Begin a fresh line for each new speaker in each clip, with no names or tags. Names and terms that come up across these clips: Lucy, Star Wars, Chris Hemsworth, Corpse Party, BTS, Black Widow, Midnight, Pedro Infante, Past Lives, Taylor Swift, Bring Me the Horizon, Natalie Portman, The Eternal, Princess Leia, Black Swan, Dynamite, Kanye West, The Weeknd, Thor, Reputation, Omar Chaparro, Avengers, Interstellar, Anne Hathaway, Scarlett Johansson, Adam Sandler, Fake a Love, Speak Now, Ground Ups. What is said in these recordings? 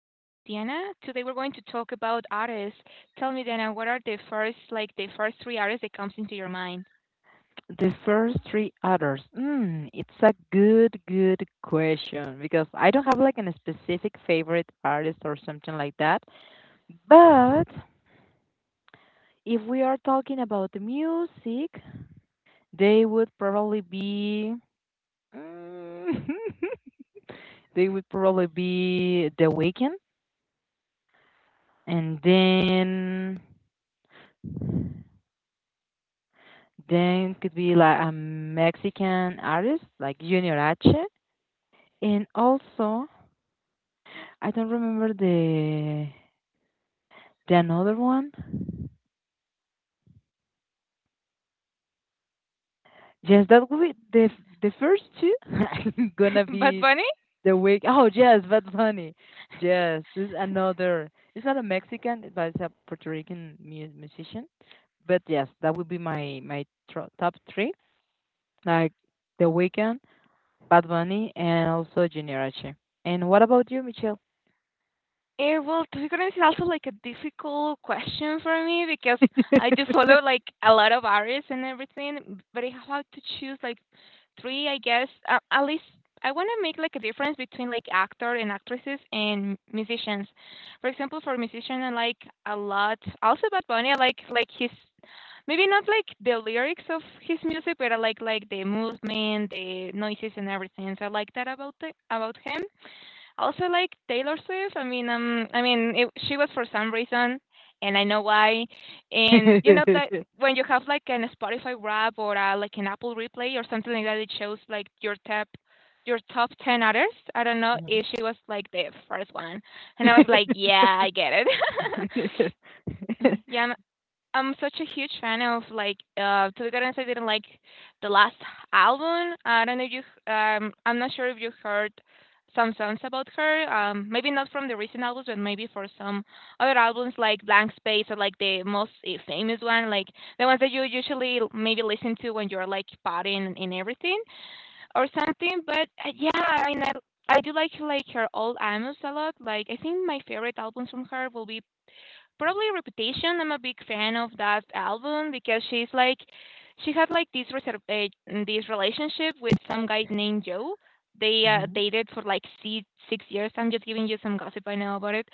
Diana. Today we're going to talk about artists. Tell me, Diana, what are the first, like the first three artists that comes into your mind?
The first three others. It's a good question because I don't have like a specific favorite artist or something like that. But if we are talking about the music, they would probably be mm, they would probably be The Weeknd, and then could be like a Mexican artist like Junior H, and also I don't remember the another one. Yes, that will be the the first two. gonna
Bad
be
Bunny?
the week. Oh yes, Bad Bunny. Yes, this is another. It's not a Mexican, but it's a Puerto Rican musician. But yes, that would be my top three. Like The Weeknd, Bad Bunny, and also Junior H. And what about you, Michelle?
Eh, well, to be honest, it's also like a difficult question for me because I do follow like a lot of artists and everything, but I have to choose like three, I guess. At least I want to make like a difference between like actor and actresses and musicians. For example, for musician, I like a lot. Also, Bad Bunny, I like his maybe not like the lyrics of his music, but I like the movement, the noises, and everything. So I like that about about him also like Taylor Swift. I mean, she was for some reason, and I know why. And you know that
Mhm.
when you have like an Spotify Wrap or like an Apple Replay or something like that, it shows like your your top ten artists. I don't know if she was like the first one, and I was like, yeah, I get it. Yeah, I'm such a huge fan of like to be honest I didn't like the last album. I don't know if you I'm not sure if you heard some songs about her. Maybe not from the recent albums, but maybe for some other albums like Blank Space, or like the most famous one, like the ones that you usually maybe listen to when you're like partying and everything or something. But yeah, I mean, I do like her old albums a lot. Like I think my favorite albums from her will be probably Reputation. I'm a big fan of that album because she had like this this relationship with some guy named Joe. They
Mhm.
dated for like six years. I'm just giving you some gossip I know about it.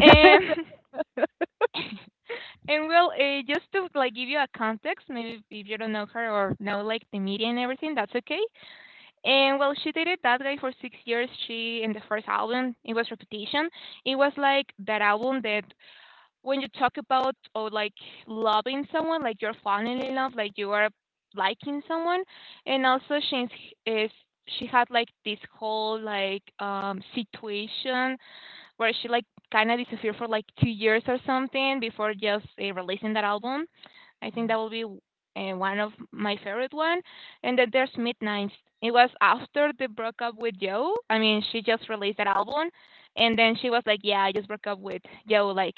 And and well, just to like give you a context, maybe if you don't know her or know like the media and everything, that's okay. And well, she dated that guy for 6 years. She In the first album, it was Reputation. It was like that album that when you talk about or like loving someone, like you're falling in love, like you are liking someone, and also is she had like this whole like situation where she like kind of disappeared for like 2 years or something before just releasing that album. I think that
Mhm.
will be one of my favorite one. And then there's Midnight. It was after they broke up with Joe. I mean, she just released that album, and then she was like, "Yeah, I just broke up with Joe. Like,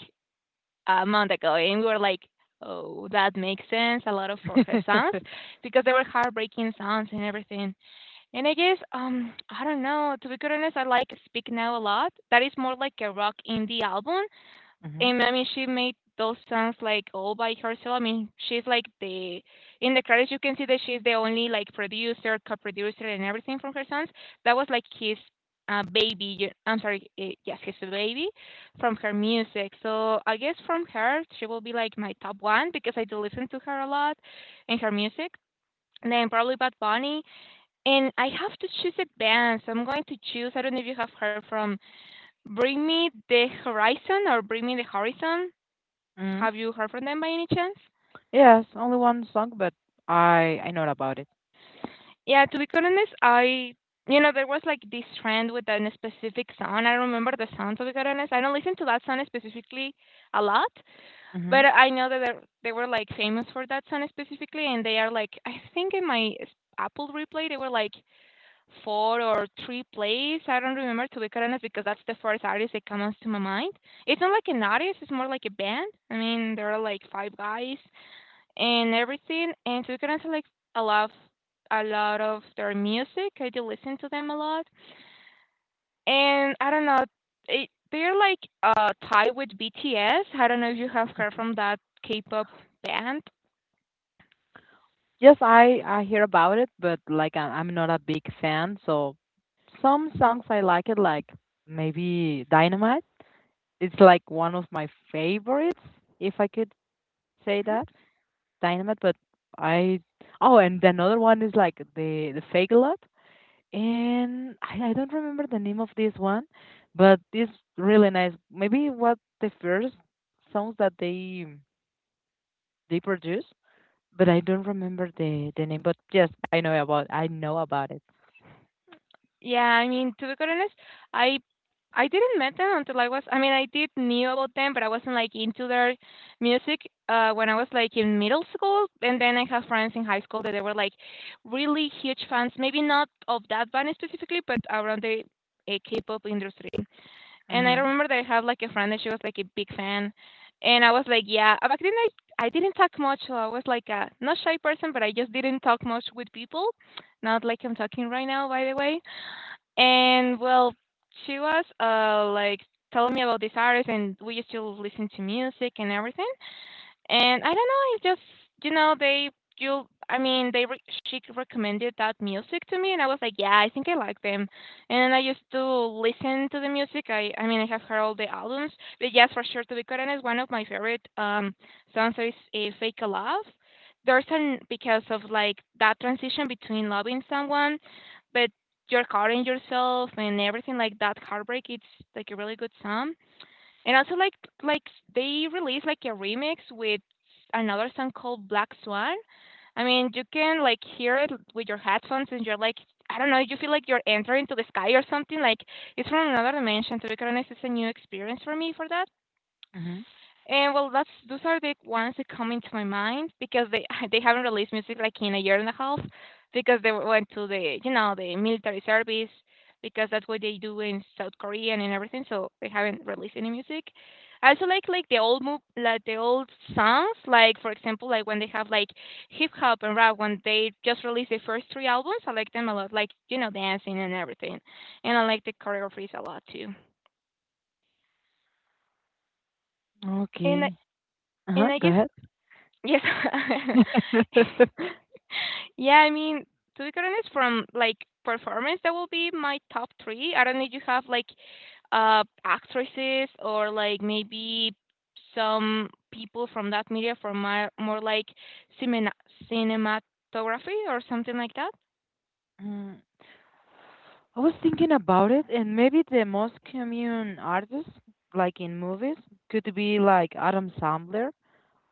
a month ago," and we were like, "Oh, that makes sense." A lot of for her songs because they were heartbreaking songs and everything. And I guess I don't know. To be quite honest, I like Speak Now a lot. That is more like a rock indie album,
Mhm.
and I mean, she made those songs like all by herself. I mean, she's like the in the credits you can see that she's the only like producer, co-producer, and everything from her songs. That was like his baby. I'm sorry, yes, his baby from her music. So I guess from her she will be like my top one because I do listen to her a lot and her music. And then probably Bad Bunny. And I have to choose a band, so I'm going to choose. I don't know if you have heard from Bring Me the Horizon or Bring Me the Horizon.
Mhm.
Have you heard from them by any chance?
Yes, only one song, but I know about it.
Yeah, to be quite honest, I you know there was like this trend with a specific song. I don't remember the song to be quite honest. I don't listen to that song specifically a lot, but
Mhm.
I know that they were like famous for that song specifically, and they are like I think in Apple replay they were like four or three plays. I don't remember to be quite honest because that's the first artist that comes to my mind. It's not like an artist; it's more like a band. I mean, there are like five guys and everything. And so kind of like a lot, a lot of their music. I do listen to them a lot, and I don't know. They're like tied with BTS. I don't know if you have heard from that K-pop band.
Yes, I hear about it, but like I'm not a big fan. So some songs I like it, like maybe Dynamite. It's like one of my favorites, if I could say that. Dynamite, but I oh, and another one is like the Fake Lot. And I don't remember the name of this one, but it's really nice. Maybe what the first songs that they produce, but I don't remember the name. But yes, I know about it.
Yeah, I mean, to be quite honest, I I didn't met them until I was I mean, I did knew about them, but I wasn't like into their music when I was like in middle school, and then I have friends in high school that they were like really huge fans, maybe not of that band specifically, but around the K-pop industry. And I
Mhm.
remember that I had like a friend that she was like a big fan, and I was like, yeah. Back then I didn't talk much, so I was like a not shy person, but I just didn't talk much with people, not like I'm talking right now, by the way. And well, she was like telling me about this artist, and we used to listen to music and everything. And I don't know, it's just, you know, they you I mean, they re- she recommended that music to me and I was like, yeah, I think I like them. And I used to listen to the music. I mean, I have heard all the albums, but yes, for sure to be quite honest, one of my favorite songs is a Fake a Love. There's an because of like that transition between loving someone but you're caught in yourself and everything like that heartbreak, it's like a really good song. And also like they released like a remix with another song called Black Swan. I mean, you can like hear it with your headphones and you're like I don't know, you feel like you're entering to the sky or something. Like it's from another dimension. To be honest, it's a new experience for me for that.
Mhm.
And well, that's those are the ones that come into my mind because they they haven't released music like in a year and a half because they went to the you know the military service because that's what they do in South Korea and in everything. So they haven't released any music. I also like the old move like the old songs, like for example like when they have like hip hop and rap when they just released the first three albums. I like them a lot, like you know dancing and everything, and I like the choreographies a lot too. And I-
Okay. Uh
and
huh.
I
Go
guess
ahead.
yes. Yeah, I mean, to be honest, from like performance, that will be my top three. I don't know if you have like actresses or like maybe some people from that media for my more like cinema cinematography or something like that.
Mm, I was thinking about it, and maybe the most common artist, like in movies, could be like Adam Sandler.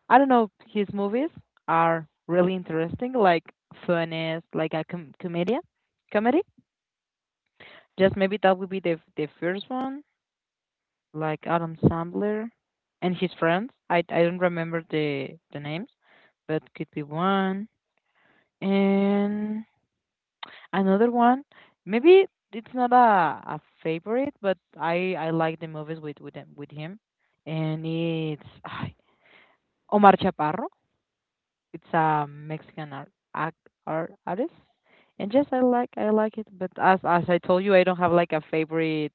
I don't know, his movies are really interesting, like funny, like a comedian, comedy. Just maybe that would be the first one, like Adam Sandler and his friends. I don't remember the names, but could be one. And another one, maybe it's not a favorite, but I like the movies with him, and it's Omar Chaparro. It's a Mexican art, act, art artist, and yes, I like it. But as I told you, I don't have like a favorite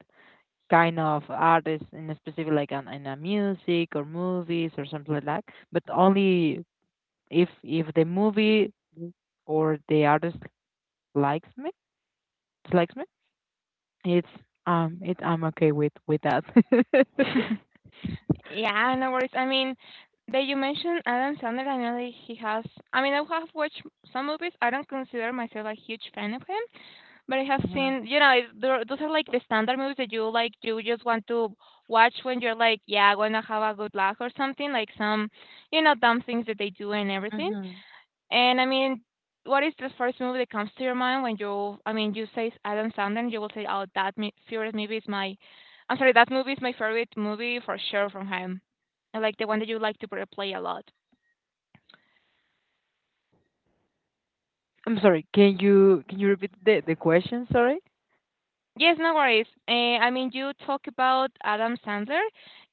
kind of artist in a specific, in a music or movies or something like that. But only if the movie or the artist likes me, likes me, it's it I'm okay with that.
Yeah, no worries. I mean, that you mentioned Adam Sandler, I know that he has. I mean, I have watched some movies. I don't consider myself a huge fan of him, but I have
Mhm,
seen, you know, those are like the standard movies that you like. You just want to watch when you're like, yeah, I wanna have a good laugh or something. Like some, you know, dumb things that they do and everything.
mhm.
And I mean, what is the first movie that comes to your mind when you say Adam Sandler, you will say, oh, that favorite movie is I'm sorry, that movie is my favorite movie for sure from him. And like the one that you like to replay a lot.
I'm sorry. Can you repeat the question? Sorry.
Yes, no worries. I mean, you talk about Adam Sandler,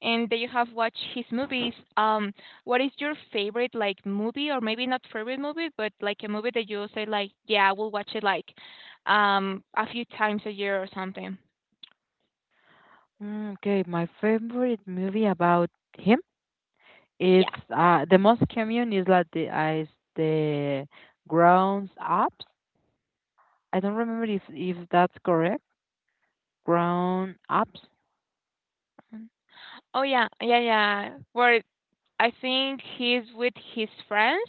and that you have watched his movies. What is your favorite like movie, or maybe not favorite movie, but like a movie that you say like, yeah, I will watch it like, a few times a year or something.
Okay, my favorite movie about him
Yeah.
is the most common is is the Ground Ups. I don't remember if that's correct. Ground Ups.
Oh yeah, yeah, yeah. Where I think he's with his friends,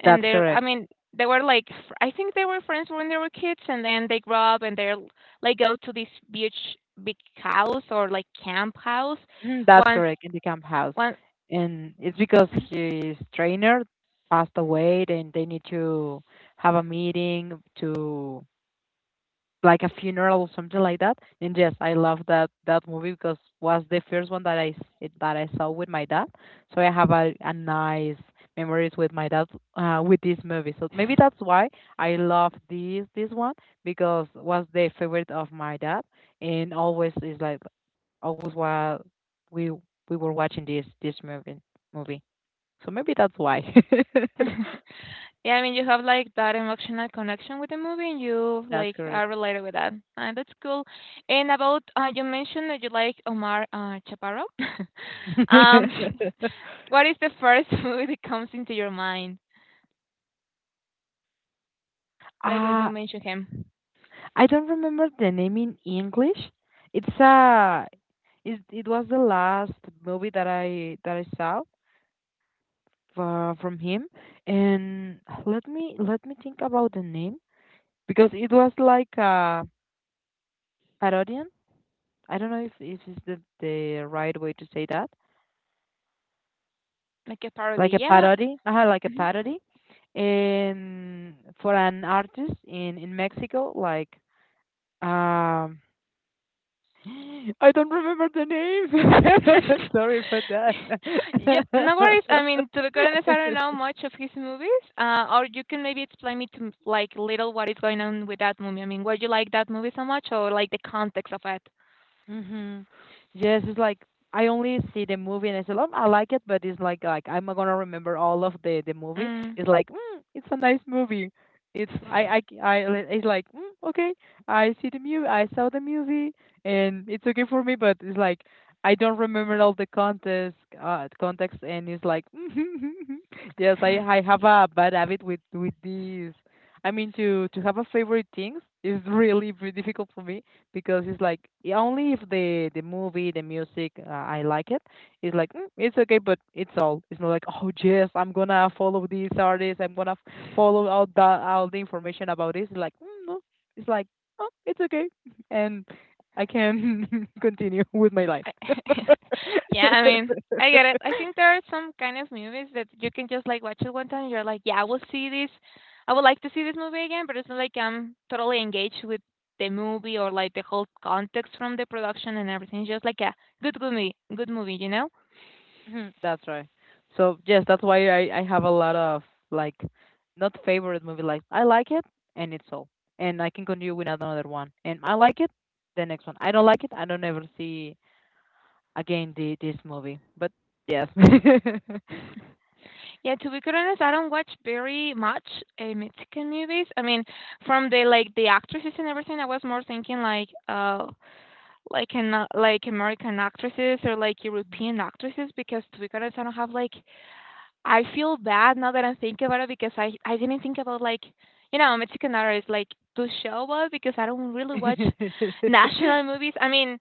and
That's
they're. I
correct.
mean, they were like. I think they were friends when they were kids, and then they grow up and they're like go to this beach, big house or like camp house.
Mhm, that's
Once,
correct in the camp house,
one.
and it's because his trainer passed away, and they need to have a meeting to like a funeral or something like that. And yes, I love that movie because was the first one that I saw with my dad. So I have a nice memories with my dad with this movie. So maybe that's why I love this one because was the favorite of my dad and always is like always while we we were watching this movie. So maybe that's why.
Yeah, I mean, you have like that emotional connection with the movie, and you
That's
like
correct.
are related with that. That's cool. And about you mentioned that you like Omar Chaparro. um, what is the first movie that comes into your mind? Like when you
Uh,
mention him,
I don't remember the name in English. It's a it was the last movie that I saw from him, and let me think about the name because it was like a parodian. I don't know if is the right way to say that.
like a
Like
parody.
a
Yeah.
parody, like a
Mhm.
parody, and for an artist in Mexico um I don't remember the name. Sorry for
Yeah. No
that.
worries. I mean, to be quite honest, I don't know much of his movies. Or you can maybe explain me to like little what is going on with that movie. I mean, why you like that movie so much, or like the context of it.
Mm-hmm. Yes, it's like I only see the movie and I said, "Oh, I like it," but it's like I'm not gonna remember all of the movie.
Mm.
It's like, it's a nice movie. It's I c- I li- it's like Okay, I see the movie, I saw the movie, and it's okay for me. But it's like I don't remember all the context, and it's like, yes, I have a bad habit with these. I mean, to have a favorite things is really very difficult for me because it's like yeah, only if the movie, the music, I like it. It's like it's okay, but it's all. It's not like oh yes, I'm gonna follow this artist. I'm gonna follow all the information about this. It's like no, it's like oh it's okay, and I can continue with my life.
I yeah, I mean, I get it. I think there are some kind of movies that you can just like watch it one time. You're like, yeah, I will see this. I would like to see this movie again, but it's not like I'm totally engaged with the movie or like the whole context from the production and everything. It's just like a good movie, you know?
Mhm, that's right. So yes, that's why I have a lot of like not favorite movie, like I like it and it's all. And I can continue with another one. And I like it, the next one. I don't like it, I don't ever see again the this movie. But yes.
Yeah, to be quite honest, I don't watch very much Mexican movies. I mean, from the like the actresses and everything, I was more thinking like like an like American actresses or like
Mhm.
European actresses, because to be honest, I don't have like, I feel bad now that I'm thinking about it because I didn't think about like, you know, Mexican horror, like to show up, because I don't really watch national movies. I mean,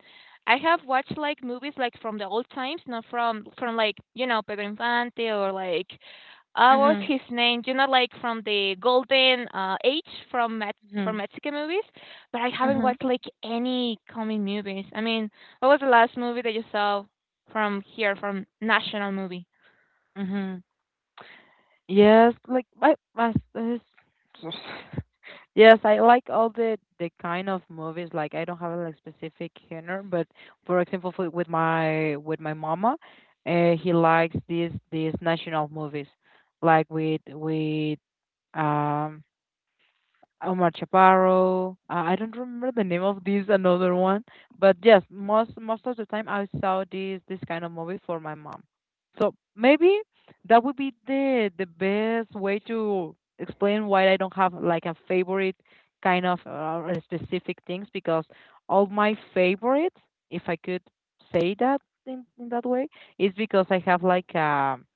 I have watched like movies like from the old times, not from like, you know, Pedro Infante or like, what was
Mhm.
his name? You know, like from the golden age from Met from
Mhm.
Mexican movies, but I haven't
Mhm.
watched like any coming movies. I mean, what was the last movie that you saw from here, from national movie?
Mhm. Yes, like my this Yes, I like all the kind of movies. Like I don't have a like specific genre, but for example, with my mama, he likes these national movies, like with um Omar Chaparro. I don't remember the name of these another one, but yes, most of the time I saw this kind of movie for my mom. So maybe that would be the best way to explain why I don't have like a favorite kind of specific things, because all my favorites, if I could say that in that way, is because I have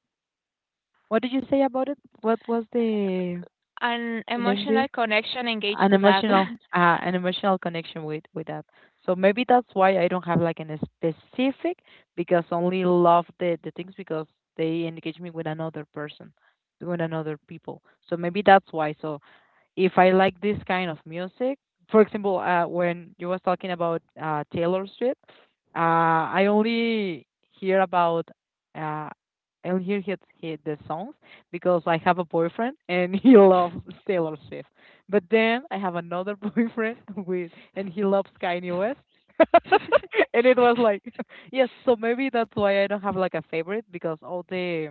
what did you say about it? What was the
An
you named
emotional connection engaged
an
to that.
emotional uh, an emotional connection with that. So maybe that's why I don't have like an specific, because only love the things, because they engage me with another person, with another people. So maybe that's why. So if I like this kind of music. For example, when you was talking about Taylor Swift, uh, I only hear about uh, I only hear his the songs because I have a boyfriend and he loves Taylor Swift. But then I have another boyfriend with and he loves Kanye West. And it was like yes, so maybe that's why I don't have like a favorite, because all the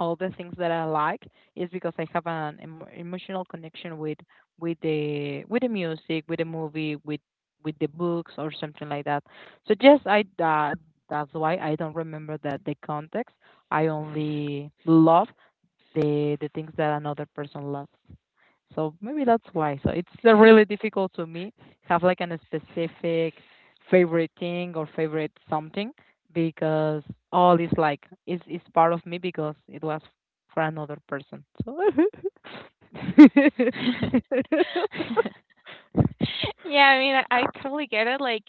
all the things that I like is because I have an emotional connection with the music, with the movie, with the books or something like that. So yes, I that that's why I don't remember that the context. I only love the things that another person loves. So maybe that's why. So it's really difficult to me have like a specific favorite thing or favorite something, because all is like is part of me because it was for another person. So
Yeah, I mean, I totally get it, like,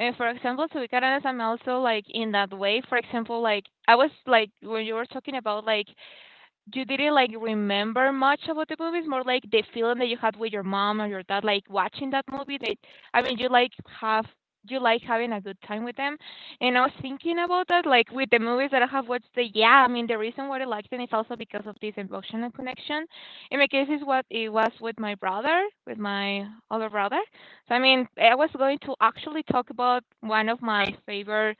for example, to be quite honest, I'm also, like, in that way. For example, like, I was like, when you were talking about, like, you didn't like remember much about the movies, more like the feeling that you had with your mom or your dad, like watching that movie. That I mean, you like have you like having a good time with them. And I was thinking about that, like with the movies that I have watched. The Yeah, I mean, the reason why I liked them is also because of this emotional connection. In my case, is what it was with my brother, with my older brother. So I mean, I was going to actually talk about one of my favorite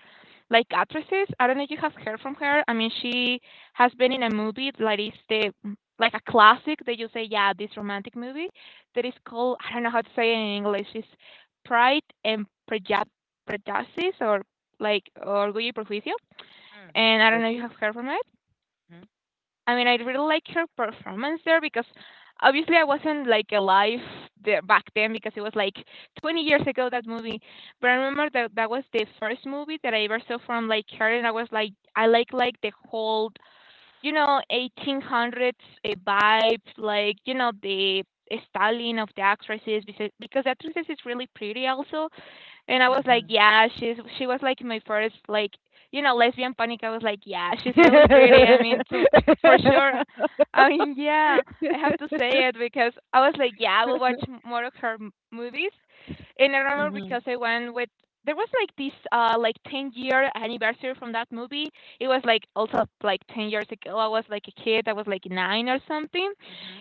like actresses. I don't know if you have heard from her. I mean, she has been in a movie like it's the like a classic that you say, yeah, this romantic movie that is called, I don't know how to say it in English. It's Pride and Preju- Prejudice, or like Orgullo y Prejuicio.
Mm.
And I don't know if you
Ready?
have heard from it. I mean, I really like her performance there because obviously I wasn't like alive there back then because it was like 20 years ago that movie. But I remember that that was the first movie that I ever saw from like her, and I was like, I like the whole, you know, 1800s vibes, like, you know, the styling of the actresses, because, the actresses is really pretty also. And I was like,
Mm-hmm.
yeah, she was like my first like, you know, lesbian panic. I was like, yeah, she's really pretty. I mean, for sure. I mean, yeah, I have to say it because I was like, yeah, I will watch more of her movies. And I remember
Mhm.
because I went with there was like this like 10-year anniversary from that movie. It was like also like 10 years ago. I was like a kid. I was like 9 or something.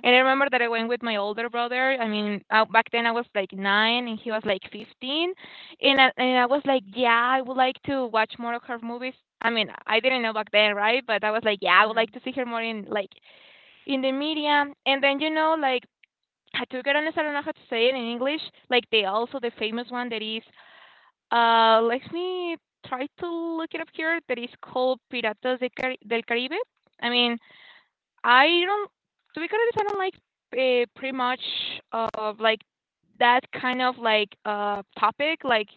And I remember that I went with my older brother. I mean, back then I was like 9 and he was like 15. And I was like, "Yeah, I would like to watch more of her movies." I mean, I didn't know back then, right? But I was like, "Yeah, I would like
Mhm.
to see her more in, like, in the media." And then, you know, like, I took it on, I don't know how to say it in English, like, the also the famous one that is, let me try to look it up here, that is called Piratas de Cari del Caribe. I mean, I don't to be honest, I don't like, pretty much of, like, that kind of, like, topic, like,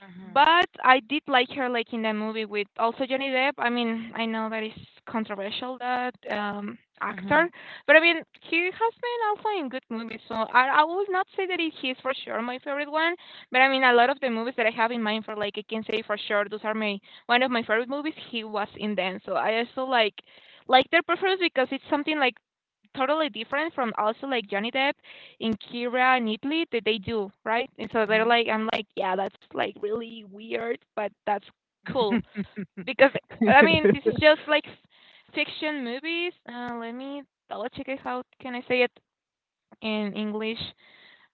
Mhm.
but I did like her like in the movie with also Johnny Depp. I mean, I know that is controversial, that
Mhm.
actor, but I mean he has been also in good movies. So I would not say that he is for sure my favorite one, but I mean a lot of the movies that I have in mind for like I can say for sure those are my one of my favorite movies. He was in them, so I also like their preference because it's something like totally different from also like Johnny Depp in Kira and Italy that they do, right? And so they're
Mhm.
like, I'm like, yeah, that's like really weird, but that's cool
Mhm.
because I mean, this is just like fiction movies. Let me double check it. How can I say it in English?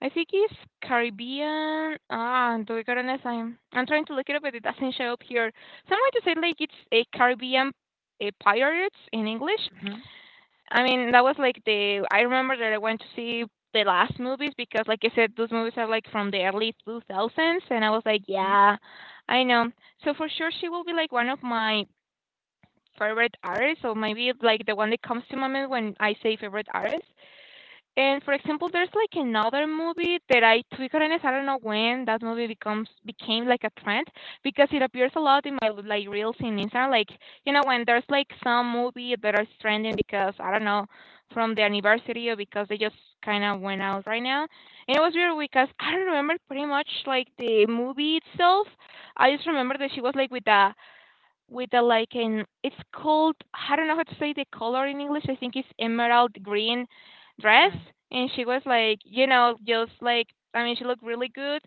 I think it's Caribbean. Ah, to be honest, I'm trying to look it up, but it doesn't show up here. Someone just said like it's a Caribbean, a pirates in English. I mean, that was like the I remember that I went to see the last movies because, like I said, those movies are like from the early 2000s, and I was like,
Mhm.
yeah, I know. So for sure she will be like one of my favorite artists, or maybe like the one that comes to my mind when I say favorite artist. And for example, there's like another movie that I Twickernes, I don't know when that movie becomes became like a trend because it appears a lot in my like reels in Instagram. Like, you know, when there's like some movie that are trending because I don't know, from the anniversary, or because they just kind of went out right now. And it was weird because I don't remember pretty much like the movie itself. I just remember that she was like with a like an, it's called, I don't know how to say the color in English. I think it's emerald green dress,
Mm.
and she was like, you know, just like, I mean, she looked really good,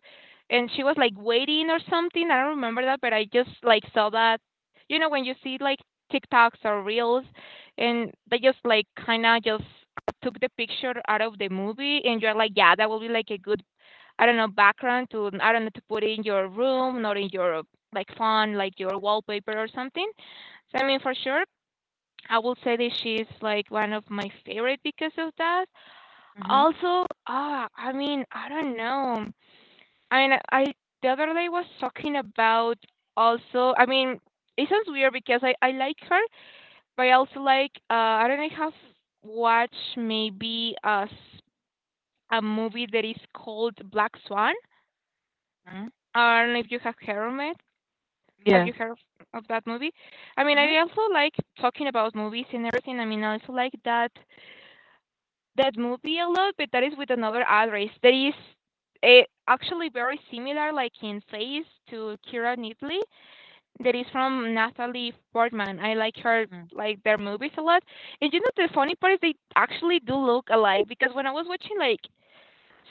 and she was like waiting or something. I don't remember that, but I just like saw that. You know, when you see like TikToks or reels, and they just like kind of just took the picture out of the movie, and you're like, yeah, that will be like a good, I don't know, background to, I don't know, to put in your room, not in your like font, like your wallpaper or something. So I mean for sure I will say that she's like one of my favorite because of that.
Mhm.
Also, ah, I mean, I don't know. I mean, I the other day was talking about also. I mean, it sounds weird because I like her, but I also like I don't know. I have watched maybe a movie that is called Black Swan.
Mm.
I don't know if you have heard of it. Have
Yes.
you heard of that movie? I mean,
Mhm.
I also like talking about movies and everything. I mean, I also like that movie a lot, but that is with another actress. That is actually very similar, like in face, to Kira Knightley. That is from Natalie Portman. I like her,
Mhm.
like their movies a lot. And you know, the funny part is they actually do look alike because when I was watching like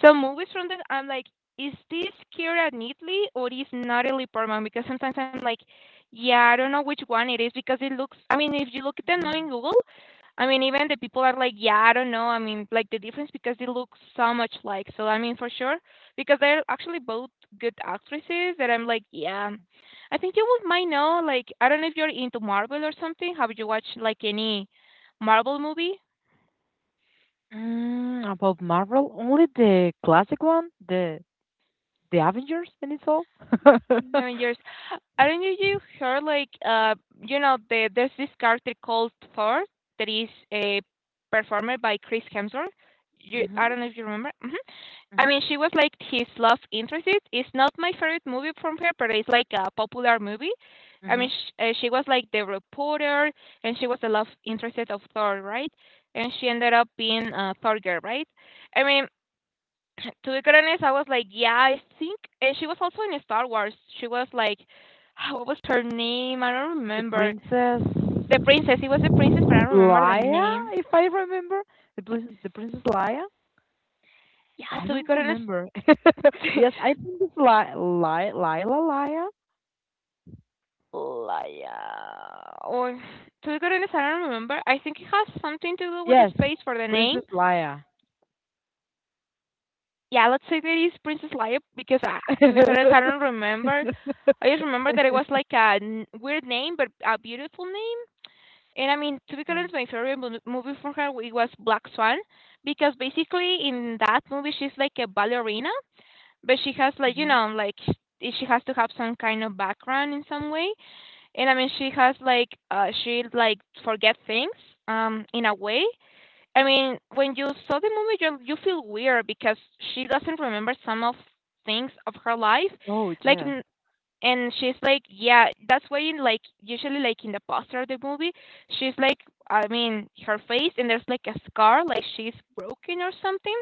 so movies from that, I'm like, is this Kira Knightley or is Natalie Portman? Because sometimes I'm like, yeah, I don't know which one it is because it looks. I mean, if you look at them now
Mhm.
in Google, I mean, even the people are like, yeah, I don't know. I mean, like the difference because they look so much like. So I mean, for sure, because they're actually both good actresses. That I'm like, yeah, I think you would might know. Like, I don't know if you're into Marvel or something. Have you watched like any Marvel movie?
About Marvel, only the classic one, the Avengers, and it's all.
I mean, you're, I don't know if you heard like you know there's this character called Thor that is performed by Chris Hemsworth.
Mhm.
I don't know if you remember. Hmm. I
Mhm.
mean, she was like his love interest. It's not my favorite movie from her, but it's like a popular movie. I mean,
Mhm.
she was like the reporter, and she was the love interest of Thor, right? And she ended up being Thorger, right? I mean, to be quite honest, I was like, yeah, I think, and she was also in Star Wars. She was like, what was her name? I don't
The
remember.
Princess
The princess. It was the princess, but I don't remember the
Leia,
name.
if I remember, the Princess Leia.
Yeah,
I
to be
don't
quite honest,
remember. Yes, I think it's Lila Leia.
Leia. Or to be quite honest, I don't remember. I think it has something to do with the
Yes,
space for the name.
Princess Leia.
Yeah, let's say that is Princess Leia because to be honest, I don't remember. I just remember that it was like a weird name, but a beautiful name. And I mean, to be
Mhm.
honest, my favorite movie from her it was Black Swan, because basically in that movie she's like a ballerina, but she has like you
Mhm.
know like she has to have some kind of background in some way. And I mean, she has like she like forget things in a way. I mean, when you saw the movie, you feel weird because she doesn't remember some of things of her life,
Oh,
like
yes.
and she's like, yeah, that's why in like usually like in the poster of the movie, she's like, I mean, her face and there's like a scar, like she's broken or something.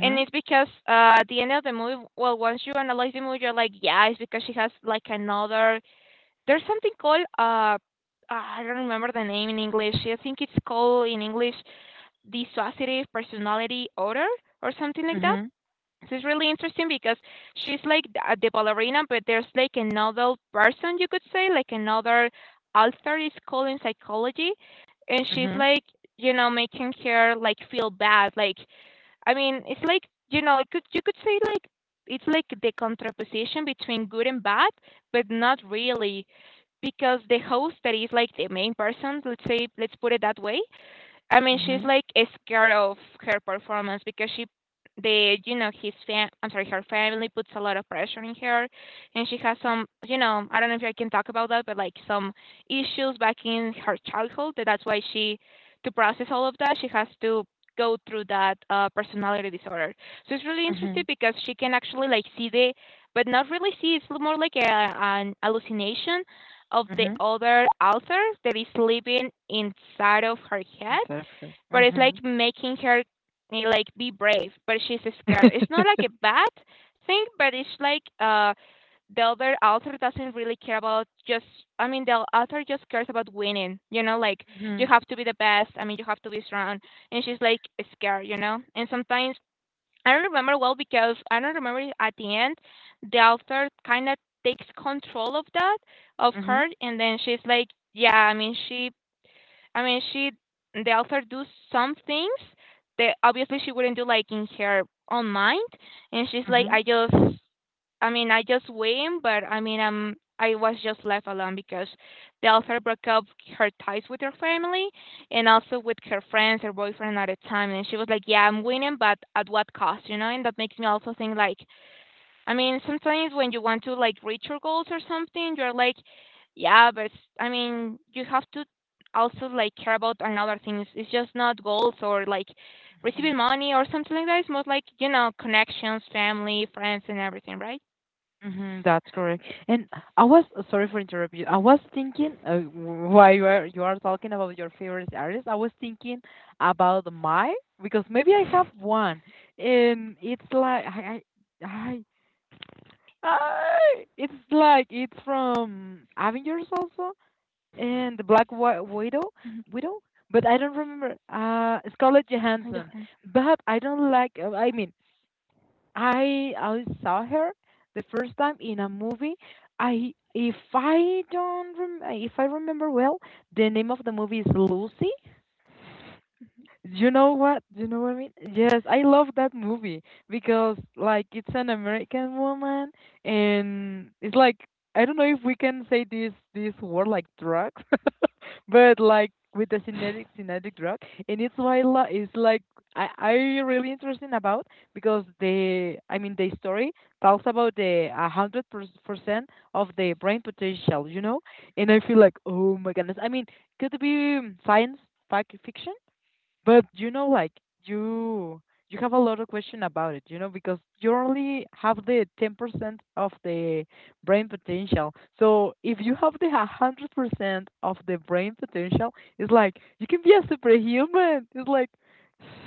And it's because at the end of the movie, well, once you analyze the movie, you're like, yeah, it's because she has like another. There's something called I don't remember the name in English. I think it's called in English dissociative personality disorder or something like that.
Mhm.
This is really interesting because she's like the ballerina, but there's like another person you could say, like another author is called in psychology, and she's
Mhm.
like you know making her like feel bad. Like I mean, it's like you know it could you could say like it's like the contraposition between good and bad, but not really because the host that is like the main person, let's say let's put it that way, I mean, she's
Mhm.
like scared of her performance because she, the you know I'm sorry, her family puts a lot of pressure on her, and she has some, you know, I don't know if I can talk about that, but like some issues back in her childhood. That that's why she, to process all of that, she has to go through that personality disorder. So it's really interesting
Mhm.
because she can actually like see the, but not really see. It's more like a, an hallucination of the
Mhm.
other author that is living inside of her head,
Exactly.
but it's like
Mhm.
making her like be brave, but she's scared. It's not like a bad thing, but it's like the other author doesn't really care about just. I mean the author just cares about winning, you know, like you
Mhm.
have to be the best, I mean you have to be strong, and she's like scared, you know? And sometimes I don't remember well because I don't remember if at the end the author kinda takes control of that of
Mhm.
her and then she's like yeah, I mean she, the author do some things that obviously she wouldn't do like in her own mind, and she's like,
Mhm.
I just, I mean, I just win, but I mean, I was just left alone because the author broke up her ties with her family and also with her friends, her boyfriend at the time, and she was like, yeah, I'm winning, but at what cost, you know? And that makes me also think like, I mean, sometimes when you want to like reach your goals or something, you're like, yeah, but I mean, you have to also like care about another things. It's just not goals or like receiving
Mhm.
money or something like that. It's more like you know connections, family, friends, and everything, right?
Mhm. That's correct. And I was sorry for interrupting you. I was thinking while you are talking about your favorite artist, I was thinking about my, because maybe I have one, and it's like I, I, it's from Avengers also. And the Black Widow, but I don't remember Scarlett
And
Johansson. But I don't like. I mean, I saw her the first time in a movie. I if I don't rem- if I remember well, the name of the movie is Lucy. You know what? You know what I mean? Yes, I love that movie because like it's an American woman and it's like I don't know if we can say this word like drugs, but like with the synthetic drug, and it's like I really interesting about, because the I mean the story talks about the 100% of the brain potential, you know, and I feel like oh my goodness, I mean could it be science fact fiction? But you you have a lot of question about it, because you only have the 10% of the brain potential. So if you have the 100% of the brain potential, it's like you can be a superhuman. It's like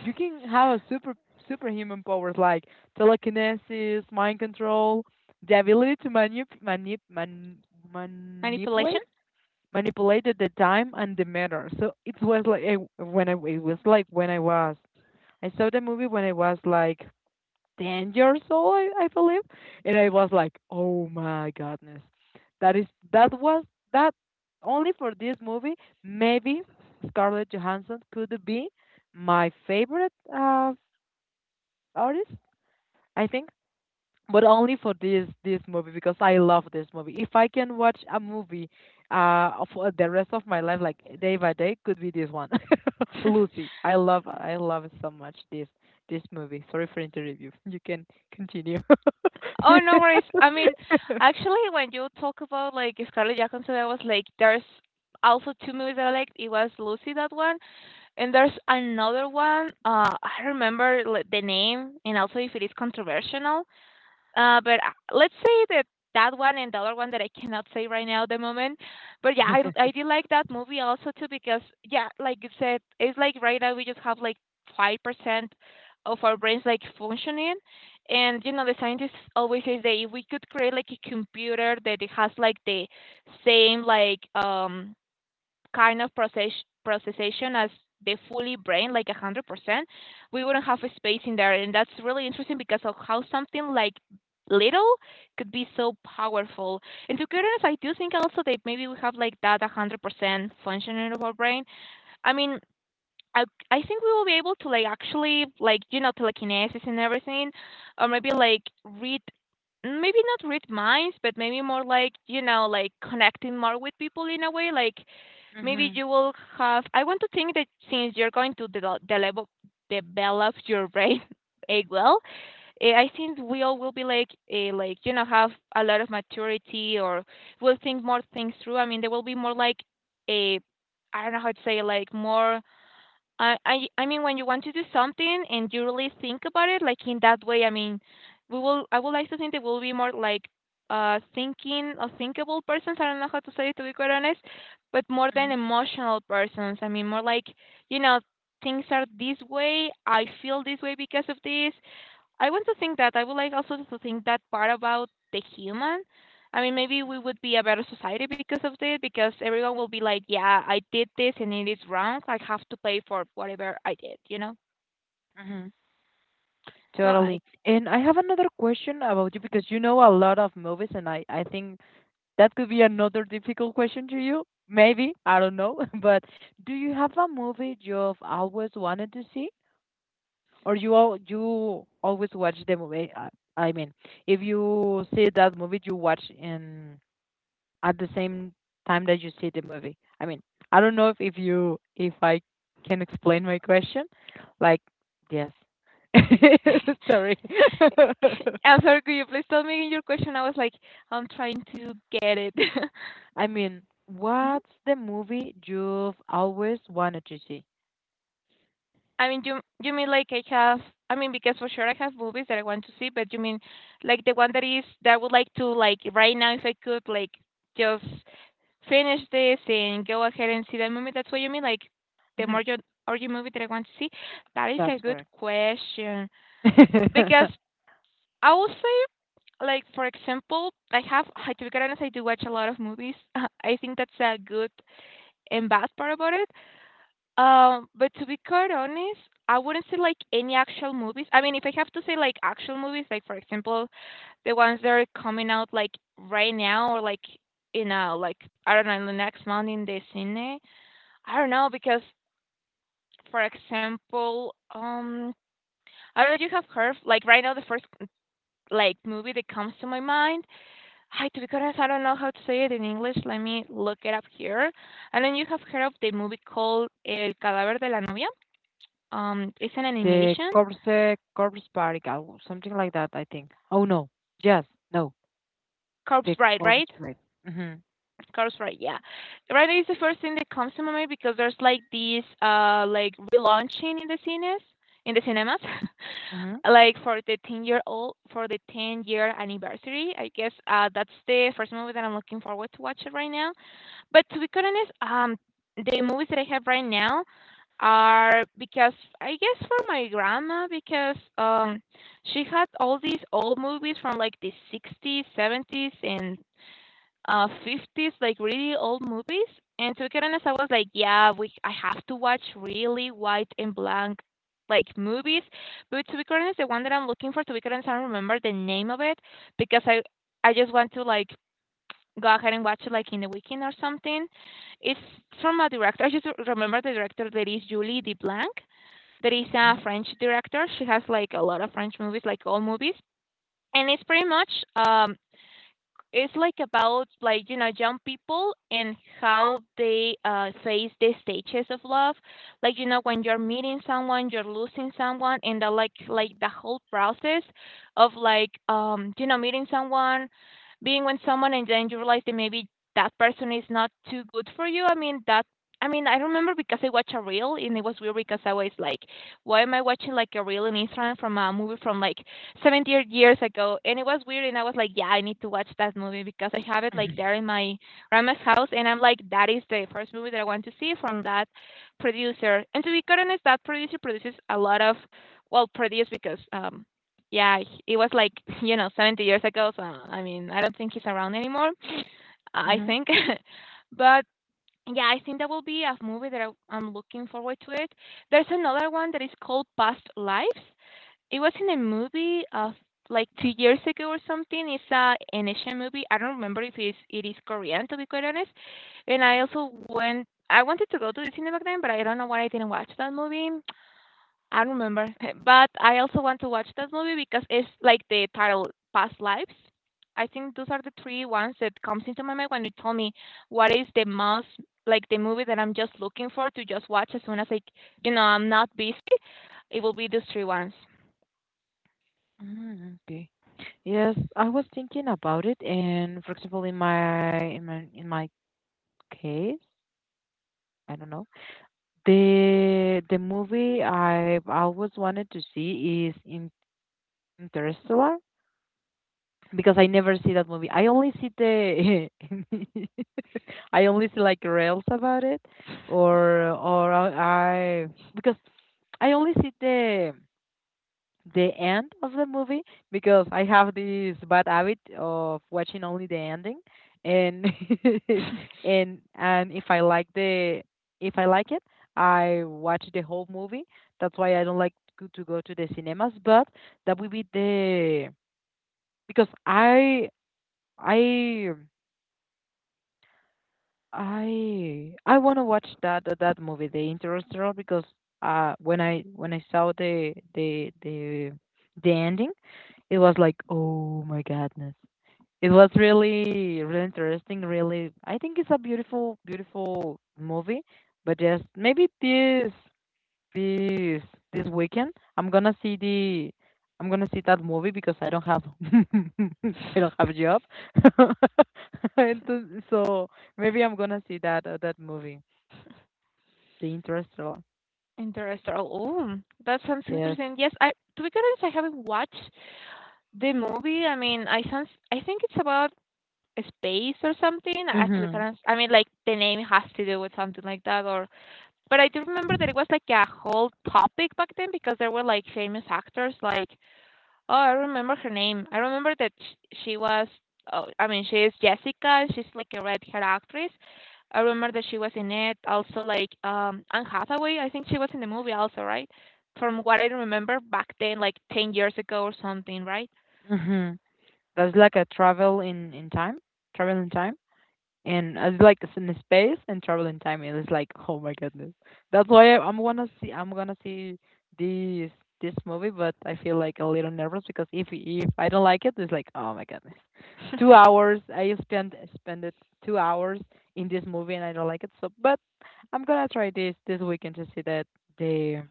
you can have a superhuman powers like telekinesis, mind control, the ability to manip manip man manipulate
manipulation.
manipulated the time and the matter. So it was like I, when I it was like when I was I saw the movie when I was like 10 years old, I believe, and I was like, oh my goodness, that is that was that only for this movie. Maybe Scarlett Johansson could be my favorite artist. I think, but only for this movie because I love this movie. If I can watch a movie for the rest of my life, like day by day, could be this one, Lucy. I love so much this movie. Sorry for interrupting you. You can continue.
Oh, no worries. I mean, actually, when you talk about like Scarlett Johansson, I was like, there's also two movies that I liked. It was Lucy, that one. And there's another one. I remember the name, and also if it is controversial. But let's say that that one and the other one that I cannot say right now at the moment. But yeah, I did like that movie also too because yeah, like you said, it's like right now we just have like 5% of our brains like functioning, and you know the scientists always say that if we could create like a computer that it has like the same like kind of process processation as the fully brain, like 100%, we wouldn't have a space in there. And that's really interesting because of how something like little could be so powerful. And to be honest, I do think also that maybe we have like that 100% functioning of our brain. I mean, I, I think we will be able to like actually like, you know, telekinesis and everything, or maybe like read, maybe not read minds, but maybe more like, you know, like connecting more with people in a way. Like maybe
Mhm,
you will have. I want to think that since you're going to develop your brain. eh, well I think we all will be like like you know have a lot of maturity or will think more things through. I mean there will be more like a, I don't know how to say, like more. I mean when you want to do something and you really think about it, like in that way, I mean, we will. I would like to think that we'll be more like thinking or thinkable persons. I don't know how to say it to be quite honest, but more than
mhm,
emotional persons. I mean more like, you know, things are this way, I feel this way because of this. I want to think that. I would like also to think that part about the human. I mean, maybe we would be a better society because of this, because everyone will be like, yeah, I did this and it is wrong. I have to pay for whatever I did, you know?
mhm.
So I.
Totally. And I have another question about you because you know a lot of movies, and I think that could be another difficult question to you. Maybe, I don't know. But do you have a movie you've always wanted to see? Or you always watch the movie? I mean, if you see that movie, you watch in at the same time that you see the movie. I mean, I don't know if you, if I can explain my question. Like, yes. Sorry.
I'm sorry, could you please tell me your question? I was like, I'm trying to get it.
I mean,
Mhm.
what's the movie you've always wanted to see?
I mean, you mean like I have? I mean, because for sure I have movies that I want to see, but you mean like the one that is that I would like to like right now if I could like just finish this and go ahead and see that movie. That's what you mean. Like the
Mhm.
more your or movie that I want to see. That is a
That's
good
correct.
question because I will say, like for example, I have, to be quite honest, I do watch a lot of movies. I think that's a good and bad part about it. But to be quite honest, I wouldn't say like any actual movies. I mean, if I have to say like actual movies, like for example, the ones that are coming out like right now or like you know like I don't know, in the next month in the cine. I don't know because, for example, I don't know if you have heard like right now the first like movie that comes to my mind. I, to be honest, I don't know how to say it in English. Let me look it up here. And then you have heard of the movie called El Cadáver de la Novia. It's an
The
animation.
Corse Corpse Party, something like that, I think. Oh no. Yes. No. The
Corpse Bride, right?
Corpse Party. Mhm.
Cars, right? Yeah, right. It's the first thing that comes to my mind because there's like these like relaunching in the cinemas,
Mhm.
like for the 10 year old for the 10 year anniversary. I guess that's the first movie that I'm looking forward to watch right now. But to be quite honest, the movies that I have right now are because I guess for my grandma, because she had all these old movies from like the 60s, 70s and 50s, like really old movies. And to be honest, I was like yeah we I have to watch really white and blank like movies. But to be honest, the one that I'm looking for, to be honest, I don't remember the name of it because I just want to like go ahead and watch it like in the weekend or something. It's from a director. I just remember the director, that is Julie Deblanc, that is a
Mhm.
French director. She has like a lot of French movies, like all movies. And it's pretty much, um it's like about, like, you know, young people and how they face the stages of love, like, you know, when you're meeting someone, you're losing someone, and the like, the whole process of, like, you know, meeting someone, being with someone, and then you realize that maybe that person is not too good for you. I mean, I remember because I watched a reel and it was weird because I was like, why am I watching like a reel in Instagram from a movie from like 70 years ago? And it was weird and I was like, yeah, I need to watch that movie because I have it like
Mhm.
there in my grandma's house. And I'm like, that is the first movie that I want to see from that producer. And to be quite honest, that producer produces a lot of, well, produce, because yeah, it was like you know, 70 years ago, so I mean, I don't think he's around anymore. I
Mhm.
think but yeah, I think that will be a movie that I'm looking forward to. It there's another one that is called Past Lives. It was in a movie of like 2 years ago or something. It's a an Asian movie. I don't remember if it is Korean, to be quite honest. And I
Mhm.
also went. I wanted to go to the cinema back then, but I don't know why I didn't watch that movie. I don't remember. But I also want to watch that movie because it's like the title, Past Lives. I think those are the three ones that comes into my mind when you tell me what is the most, like, the movie that I'm just looking for to just watch as soon as, like, you know, I'm not busy. It will be those three ones.
Mhm. Okay. Yes, I was thinking about it, and for example, in my case, I don't know. The movie I've always wanted to see is in Interstellar, because I never see that movie. I only see the I only see like reels about it, or I because I only see the end of the movie because I have this bad habit of watching only the ending. And and if I like the if I like it, I watch the whole movie. That's why I don't like to go to the cinemas, but that will be the, because I I I want to watch that movie, The Interstellar, because when I saw the ending, it was like oh my goodness, it was really interesting. Really, I think it's a beautiful movie, but just maybe this this weekend I'm gonna see the, I'm gonna see that movie because I don't have I don't have a job. And so maybe I'm gonna see that movie, The Interstellar.
Interstellar. Oh, that sounds
Yes.
interesting. Yes, I, to be honest, I haven't watched the movie. I mean, I sounds, I think it's about space or something. I to be
Mhm.
honest, I mean, like the name has to do with something like that. Or, but I do remember that it was like a whole topic back then because there were like famous actors like, oh, I remember her name. I remember that sh she was, oh, I mean, she is Jessica. She's like a red hair actress. I remember that she was in it. Also, like, Anne Hathaway. I think she was in the movie also, right? From what I remember back then, like 10 years ago or something, right?
Mhm. That's like a travel in time, travel in time. And I like, it's in space and travel in time. It is like, oh my goodness. That's why I'm gonna see. I'm gonna see this this movie, but I feel like a little nervous because if I don't like it, it's like, oh my goodness, 2 hours. I spent spend it 2 hours in this movie and I don't like it. So, but I'm gonna try this weekend to see that the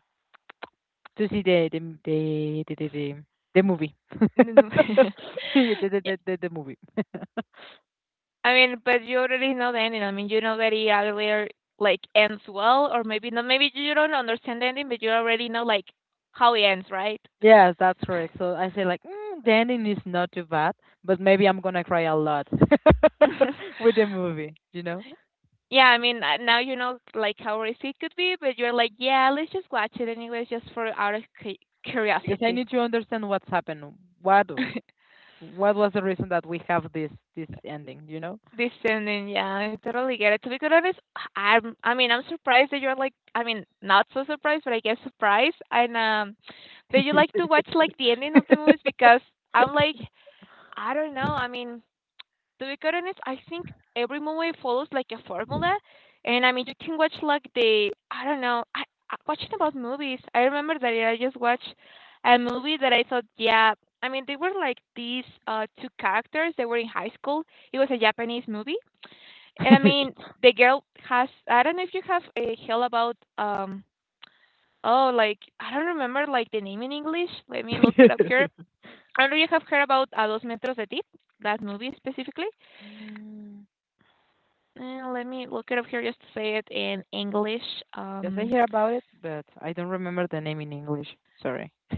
to see the movie.
No, no.
the, the,
Yeah.
the, the, the movie.
I mean, but you already know the ending. I mean, you know that it either like ends well, or maybe not. Maybe you don't understand the ending, but you already know like how it ends, right?
Yes, that's correct. So I say like, mm, the ending is not too bad, but maybe I'm gonna cry a lot with the movie, you know,
Yeah, I mean, now you know like how risky it could be, but you're like, yeah, let's just watch it anyways, just for out of
because I
curiosity.
need to understand what's happened. What what was the reason that we have this ending, you know?
Descending, yeah, I totally get it. To be quite honest, I mean, I'm surprised that you're like, I mean, not so surprised, but I guess surprised, and that you like to watch like the ending of the movies because I'm like, I don't know, I mean. To be quite honest, I think every movie follows like a formula, and I mean you can watch like the, I don't know. I watching about movies. I remember that I just watched a movie that I thought, yeah. I mean, they were like these two characters. They were in high school. It was a Japanese movie, and I mean, the girl has. I don't know if you have a hell about oh, like I don't remember like the name in English. Let me look it up here. I don't know if you have heard about A Dos Metros de Ti, that movie specifically.
Mm,
Let me look it up here just to say it in English.
yes, I
Um,
hear about it, but I don't remember the name in English. Sorry.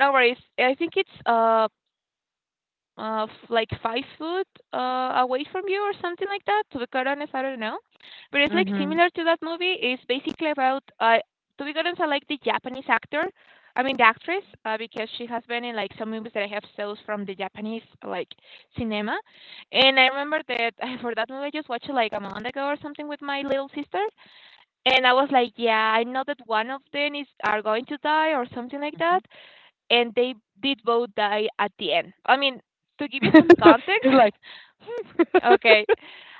no worries. I think it's like 5 foot away from you or something like that. To be quite honest, I don't know, but it's like
Mm-hmm.
similar to that movie. It's basically about, to be quite honest, I like the Japanese actor. I mean the actress, because she has been in like some movies that I have shows from the Japanese like cinema, and I remember that for that movie I just watched it like a month ago or something with my little sister. And I was like, "Yeah, I know that one of them is are going to die or something like that."
Hmm.
And they did both die at the end. I mean, to give you some context.
It's like.
Okay.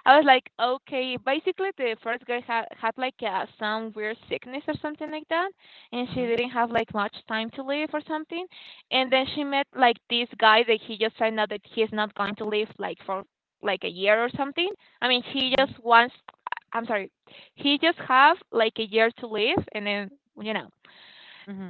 I was like, okay. Basically, the first girl had like some weird sickness or something like that, and she
Mm-hmm.
didn't have like much time to live or something. And then she met like this guy that he just said now that he's not going to live like for like a year or something. I mean, he
Mm-hmm.
just wants. I'm sorry. He just have like a year to live, and then you know.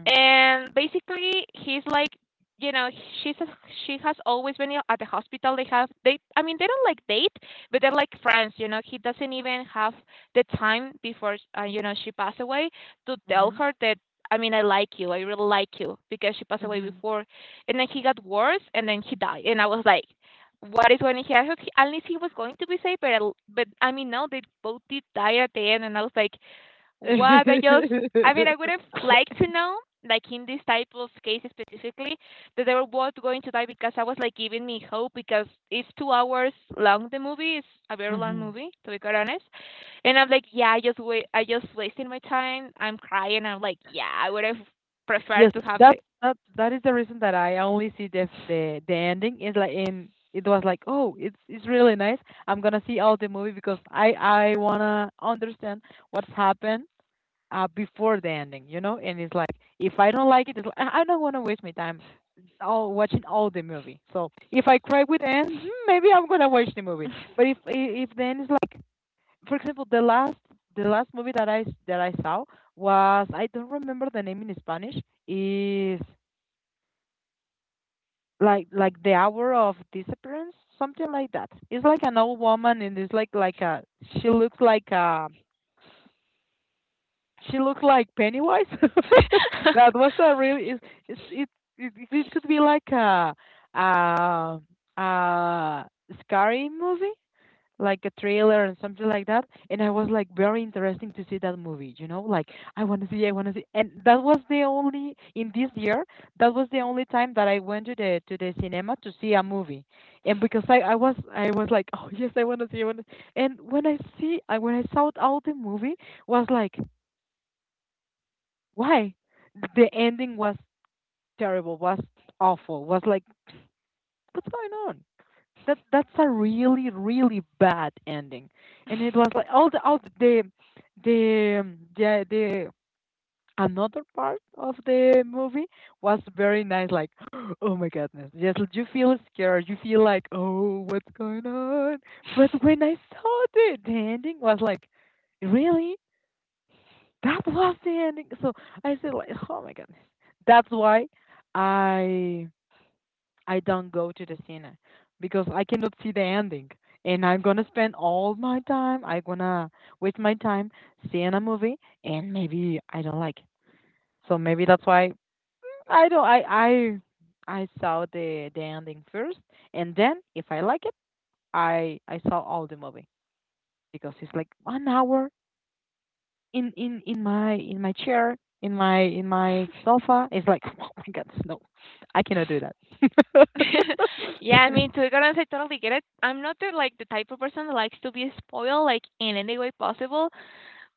And basically, he's like, you know, she's a, she has always been at the hospital. I mean, they don't like date, but they're like friends. You know, he doesn't even have the time before, you know, she passed away to tell
Mm-hmm.
her that. I mean, I like you. I really like you, because she passed away
Mm-hmm.
before, and then he got worse, and then he died. And I was like, "What is going to happen? I he, at least he was going to be safe, but but I mean, no, they both did die at the end." And I was like, what I just, I mean, I would have liked to know, like in this type of case specifically, that they were both going to die because I was like giving me hope, because it's 2 hours long. The movie is a very long
Hmm.
movie, to be quite honest. And I'm like, yeah, I just wait, I just wasting my time. I'm crying. I'm like, yeah, I would have preferred
Yes,
to have
that
the.
that is the reason that I only see the f- the ending. Is like in it was like oh it's really nice, I'm gonna see all the movie because I wanna understand what's happened before the ending, you know. And it's like if I don't like it, it's like, I don't wanna waste my time all watching all the movie. So if I cry with the end, mm, maybe I'm gonna watch the movie, but if the end is like, for example, the last movie that I saw was, I don't remember the name in Spanish. Is like the hour of disappearance, something like that. It's like an old woman, and it's like a, she looks like a, she looks like Pennywise. That was a really, it's it, it it could be like a a scary movie, like a trailer and something like that. And I was like, very interesting to see that movie, you know, like I want to see. And that was the only, in this year that was the only time that I went to the cinema to see a movie. And because I was like oh yes, I want to. And when I see I when I saw out the movie, was like, why, the ending was terrible, was awful, was like, what's going on? That, that's a really bad ending. And it was like all the the um, the, yeah, the another part of the movie was very nice, like oh my goodness, yes, you feel scared, you feel like oh what's going on. But when I saw the ending, was like, really, that was the ending. So I said like, oh my goodness, that's why I I don't go to the cinema because I cannot see the ending. And I'm gonna spend all my time, I'm gonna waste my time seeing a movie and maybe I don't like it. So maybe that's why I don't I saw the ending first, and then if I like it, I saw all the movie. Because it's like one hour in my chair, in my sofa. It's like oh my god, no. I cannot do
Yeah, I
that.
mean, to be honest, I totally get it. I'm not the, like the type of person that likes to be spoiled like in any way possible.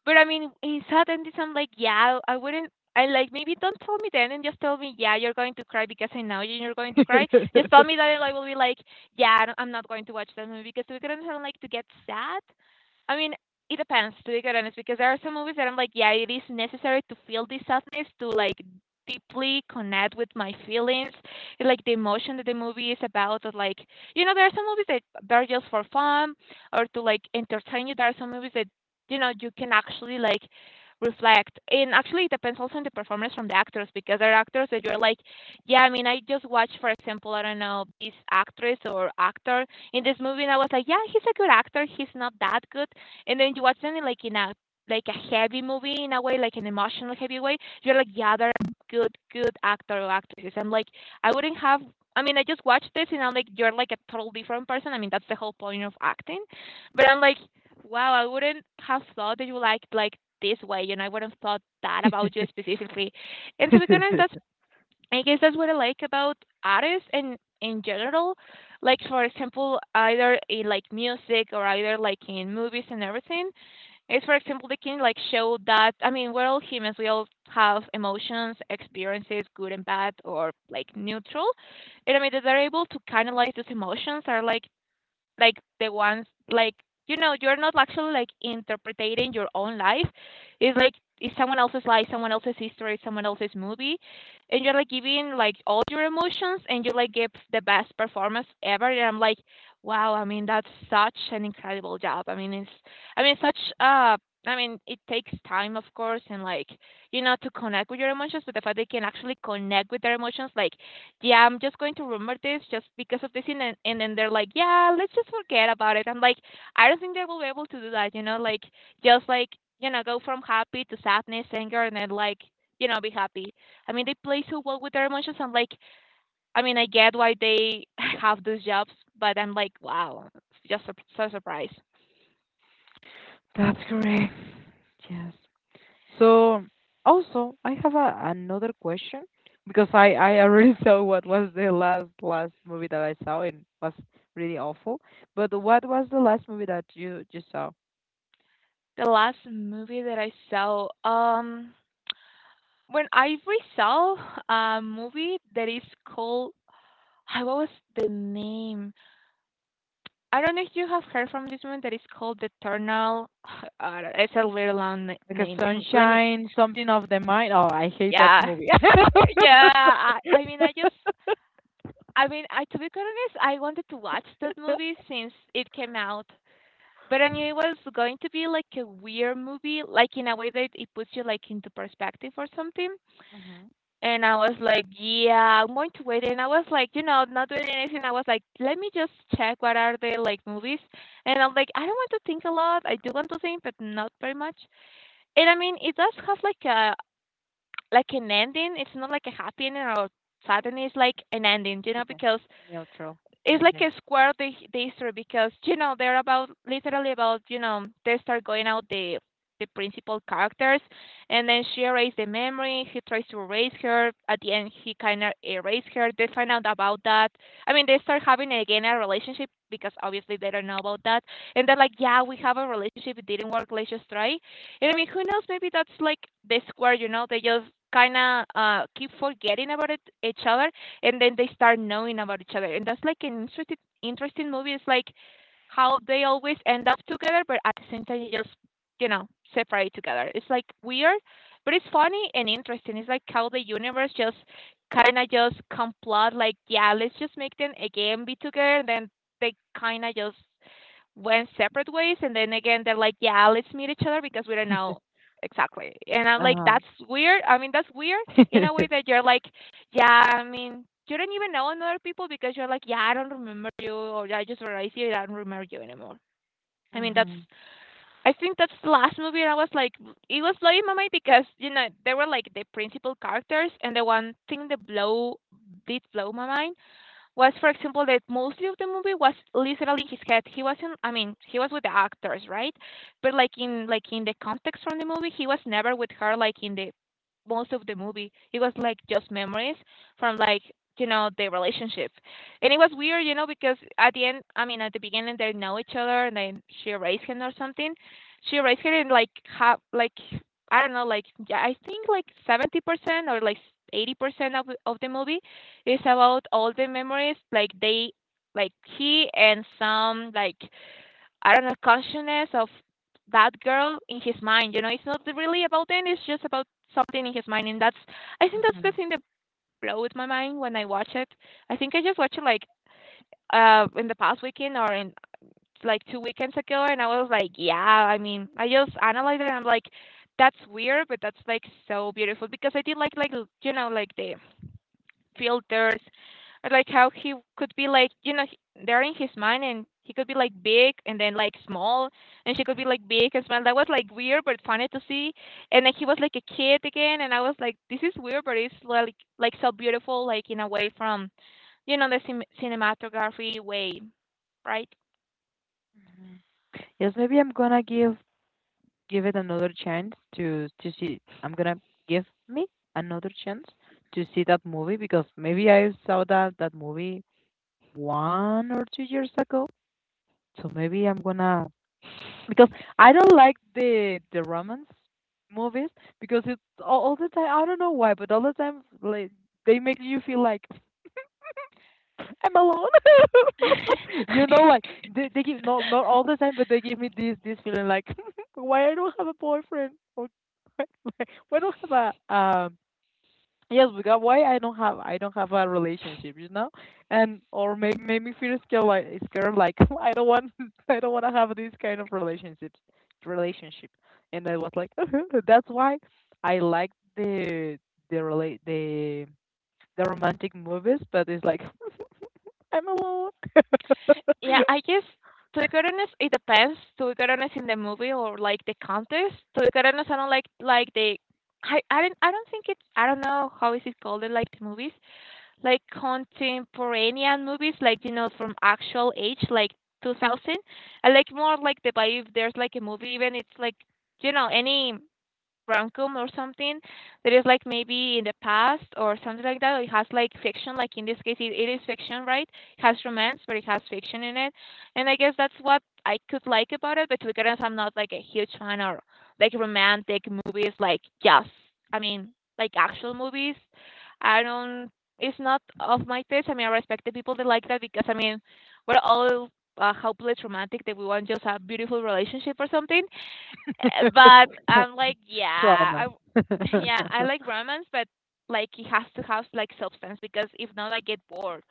But I mean, in sadness, I'm like, yeah, I wouldn't. I like, maybe don't tell me then, and just tell me, yeah, you're going to cry, because I know you're going to cry. Just tell me that, and I will be like, yeah, I'm not going to watch that movie because we couldn't have like to get sad. I mean, it depends, to be quite honest, because there are some movies that I'm like, yeah, it is necessary to feel this sadness to like deeply connect with my feelings, and, like the emotion that the movie is about. Or like, you know, there are some movies that are just for fun or to like entertain you. There are some movies that, you know, you can actually like reflect, and actually it depends also on the performance from the actors, because there are actors that you're like, yeah, I mean, I just watched, for example, I don't know this actress or actor in this movie, and I was like, yeah, he's a good actor, he's not that good. And then you watch them in, like in a, like a heavy movie in a way, like an emotional heavy way, you're like, yeah, they're good actor or actresses. I'm like, I wouldn't have, I mean, I just watched this and I'm like, you're like a total different person. I mean, that's the whole point of acting, but I'm like, wow, I wouldn't have thought that you liked like this way, you know, I wouldn't have thought that about you specifically. And to be honest, that's, I guess that's what I like about artists and in general. Like for example, either in like music or either like in movies and everything. Is for example they can like show that, I mean, we're all humans, we all have emotions, experiences, good and bad or like neutral. And I mean that they're able to canalize those emotions are like the ones like you're not actually like interpreting your own life. It's like it's someone else's life, someone else's history, someone else's movie. And you're like giving like all your emotions and you like give the best performance ever, and I'm like wow, I mean that's such an incredible job. I mean it's, I mean such I mean it takes time of course and like to connect with your emotions, but the fact they can actually connect with their emotions like, yeah, I'm just going to remember this just because of this. And then they're like, yeah, let's just forget about it. I'm like, I don't think they will be able to do that, you know, like just like, go from happy to sadness, anger, and then like, be happy. I mean, they play so well with their emotions. I'm like, I mean, I get why they have those jobs, but I'm like, wow, it's just so surprised.
That's correct. Yes. So also I have a, another question because I already saw what was the last movie that I saw and was really awful. But what was the last movie that you saw?
The last movie that I saw, when I re saw a movie that is called, ah, what was the name? I don't know if you have heard from this movie that is called The Eternal. It's a very long
Like a
name. Let me.
sunshine, something of the mind. Oh, I hate that
Yeah,
movie.
yeah. I mean, I just. I mean, I to be quite honest, I wanted to watch that movie since it came out, but I knew it was going to be like a weird movie, like in a way that it puts you like into perspective or something.
Hmm.
And I was like, "Yeah, I'm going to wait." And I was like, you know, not doing anything. I was like, "Let me just check what are the like movies." And I'm like, "I don't want to think a lot. I do want to think, but not very much." And I mean, it does have like a like an ending. It's not like a happy ending or sad ending. It's like an ending, you know,
Okay.
because
Neutral
it's like
ending.
a square they serve because you know they're about, literally about, you know, they start going out, the principal characters, and then she erased the memory. He tries to erase her. At the end he kind of erased her. They find out about that. I mean, they start having again a relationship because obviously they don't know about that. And they're like, yeah, we have a relationship, it didn't work, let's just try. And I mean, who knows, maybe that's like the square, you know, they just kind of keep forgetting about it, each other, and then they start knowing about each other. And that's like an interesting movie. It's like how they always end up together, but at the same time they just, you know, separate together. It's like weird, but it's funny and interesting. It's like how the universe just kind of just complot, like, yeah, let's just make them again be together, and then they kind of just went separate ways. And then again they're like, yeah, let's meet each other because we don't know exactly. And I'm like,
Uh
that's weird, I mean, that's weird,
huh.
in a way that you're like, yeah, I mean, you don't even know another people because you're like, yeah, I don't remember you, or I just realized you, I don't remember you anymore. I mean that's,
Hmm.
I think that's the last movie. And I was like, it was blowing my mind because you know they were like the principal characters. And the one thing that blow did blow my mind was, for example, that mostly of the movie was literally his head. He wasn't, I mean, he was with the actors, right? But like in, like in the context from the movie, he was never with her. Like in the most of the movie, it was like just memories from like, you know, the relationship. And it was weird, you know, because at the end, I mean, at the beginning they know each other, and then she raised him or something. She raised him, and like have like, I don't know, like yeah, I think like 70% or like 80% of the movie it's about all the memories, like they, like he and some like, I don't know, consciousness of that girl in his mind. You know, it's not really about them. It's just about something in his mind. And that's, I think that's the
Hmm.
thing that blows my mind when I watch it. I think I just watched it like in the past weekend, or in like two weekends ago, and I was like, yeah. I mean, I just analyzed it, and I'm like, that's weird, but that's like so beautiful because I did like you know like the filters, or like how he could be like, you know, they're in his mind and he could be like big and then like small, and she could be like big and small. That was like weird but funny to see. And then he was like a kid again, and I was like this is weird, but it's like so beautiful, like in a way from, you know, the cinematography way, right?
Yes, maybe I'm gonna give, give it another chance, to see. I'm gonna give me another chance to see that movie because maybe I saw that movie 1 or 2 years ago. So maybe I'm gonna, because I don't like the romance movies, because it's all the time, I don't know why, but all the time like, they make you feel like I'm alone. You know, like, they give, not not all the time, but they give me this feeling like why I don't have a boyfriend, or why don't have a, um, yes, because why I don't have, I don't have a relationship, you know. And or maybe make me feel scared, like scared like I don't want, I don't want to have this kind of relationship. And I was like that's why I like the the relate the romantic movies, but it's like I'm alone.
Yeah, I guess, to be quite honest, it depends, to be quite honest, in the movie or, like, the context. To be quite honest, I don't like, the I don't, I don't think it's, I don't know how is it called in, like, the movies, like, contemporanean movies, like, you know, from actual age, like, 2000. I like more, like, the vibe, there's, like, a movie, even it's, like, you know, any Frankum or something that is like maybe in the past or something like that. It has like fiction, like in this case, it is fiction, right? It has romance, but it has fiction in it. And I guess that's what I could like about it. But to be honest, I'm not like a huge fan of like romantic movies, like, yes, I mean, like actual movies. I don't, it's not of my taste. I mean, I respect the people that like that because, I mean, we're all. Hopeless romantic that we want just a beautiful relationship or something. But I'm like, yeah,
Trauma.
yeah, I like romance, but like it has to have like substance because if not, I get bored.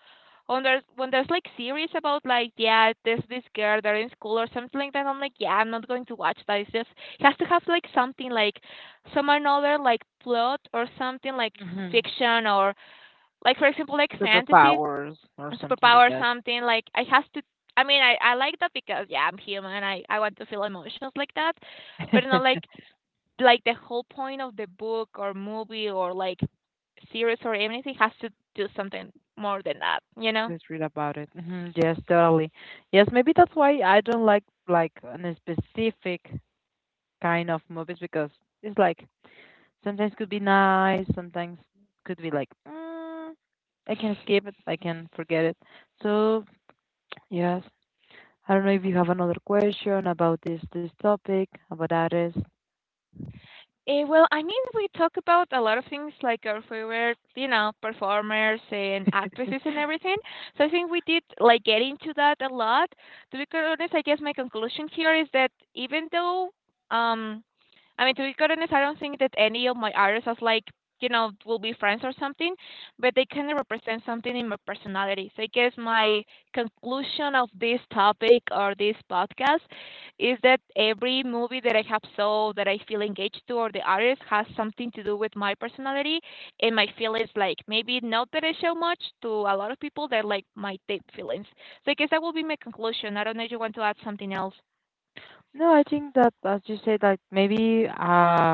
When there's like series about like, yeah, there's this girl, they're in school or something like that. I'm like, yeah, I'm not going to watch that. It's just it has to have like something, like some another like plot or something like
Hmm.
fiction, or like for example like fantasy
Superpowers or something like
superpower,
that.
something like I has to. I mean, I like that because yeah, I'm human. I want to feel emotions like that, but not like, like the whole point of the book or movie or like series or anything has to do something more than that, you know?
Let's read about it. Hmm. Yes, totally. Yes, maybe that's why I don't like a specific kind of movies, because it's like, sometimes could be nice, sometimes could be like, mm, I can skip it, I can forget it. So yes, I don't know if you have another question about this topic about artists.
Well, I mean, we talk about a lot of things like our favorite, you know, performers and actresses and everything. So I think we did like get into that a lot. To be quite honest, I guess my conclusion here is that even though, um, I mean, to be quite honest, I don't think that any of my artists was like, you know, will be friends or something, but they kind of represent something in my personality. So I guess my conclusion of this topic or this podcast is that every movie that I have saw that I feel engaged to, or the artist has something to do with my personality and my feelings, like maybe not that I show much to a lot of people that like my deep feelings. So I guess that will be my conclusion. I don't know if you want to add something else.
No, I think that as you say, like maybe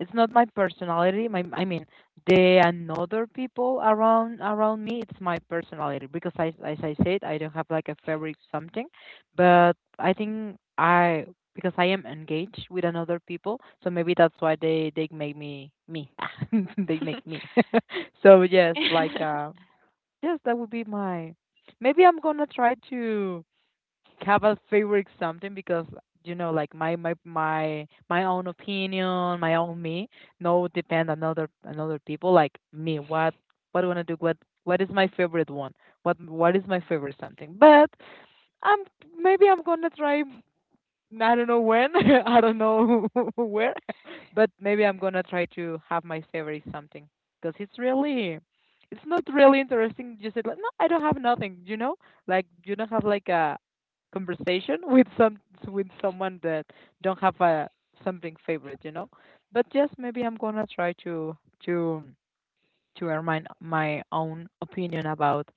it's not my personality. My, I mean, the another people around me, it's my personality. Because I, as I said, I don't have like a favorite something, but I think I, because I am engaged with another people, so maybe that's why they make me me. They make me. So yes, like yes, that would be my. Maybe I'm gonna try to have a favorite something, because you know like my own opinion, my own me, no depend on other on people, like me, what I want to do, what is my favorite one, what is my favorite something. But I'm maybe I'm gonna try, I don't know when, I don't know where, but maybe I'm gonna try to have my favorite something. Because it's really, it's not really interesting. Just like no, I don't have nothing, you know, like you don't have like a conversation with some with someone that don't have a something favorite, you know. But yes, maybe I'm gonna try to to earn my my own opinion about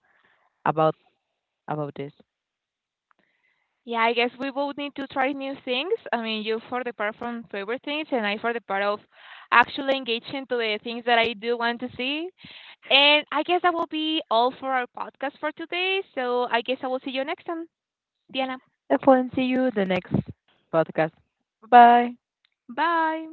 about about this.
Yeah, I guess we both need to try new things. I mean, you for the part from favorite things and I for the part of actually engaging to the things that I do want to see. And I guess that will be all for our podcast for today. So I guess I will see you next time, Diana.
Excellent. See you the next podcast. Bye bye.
Bye.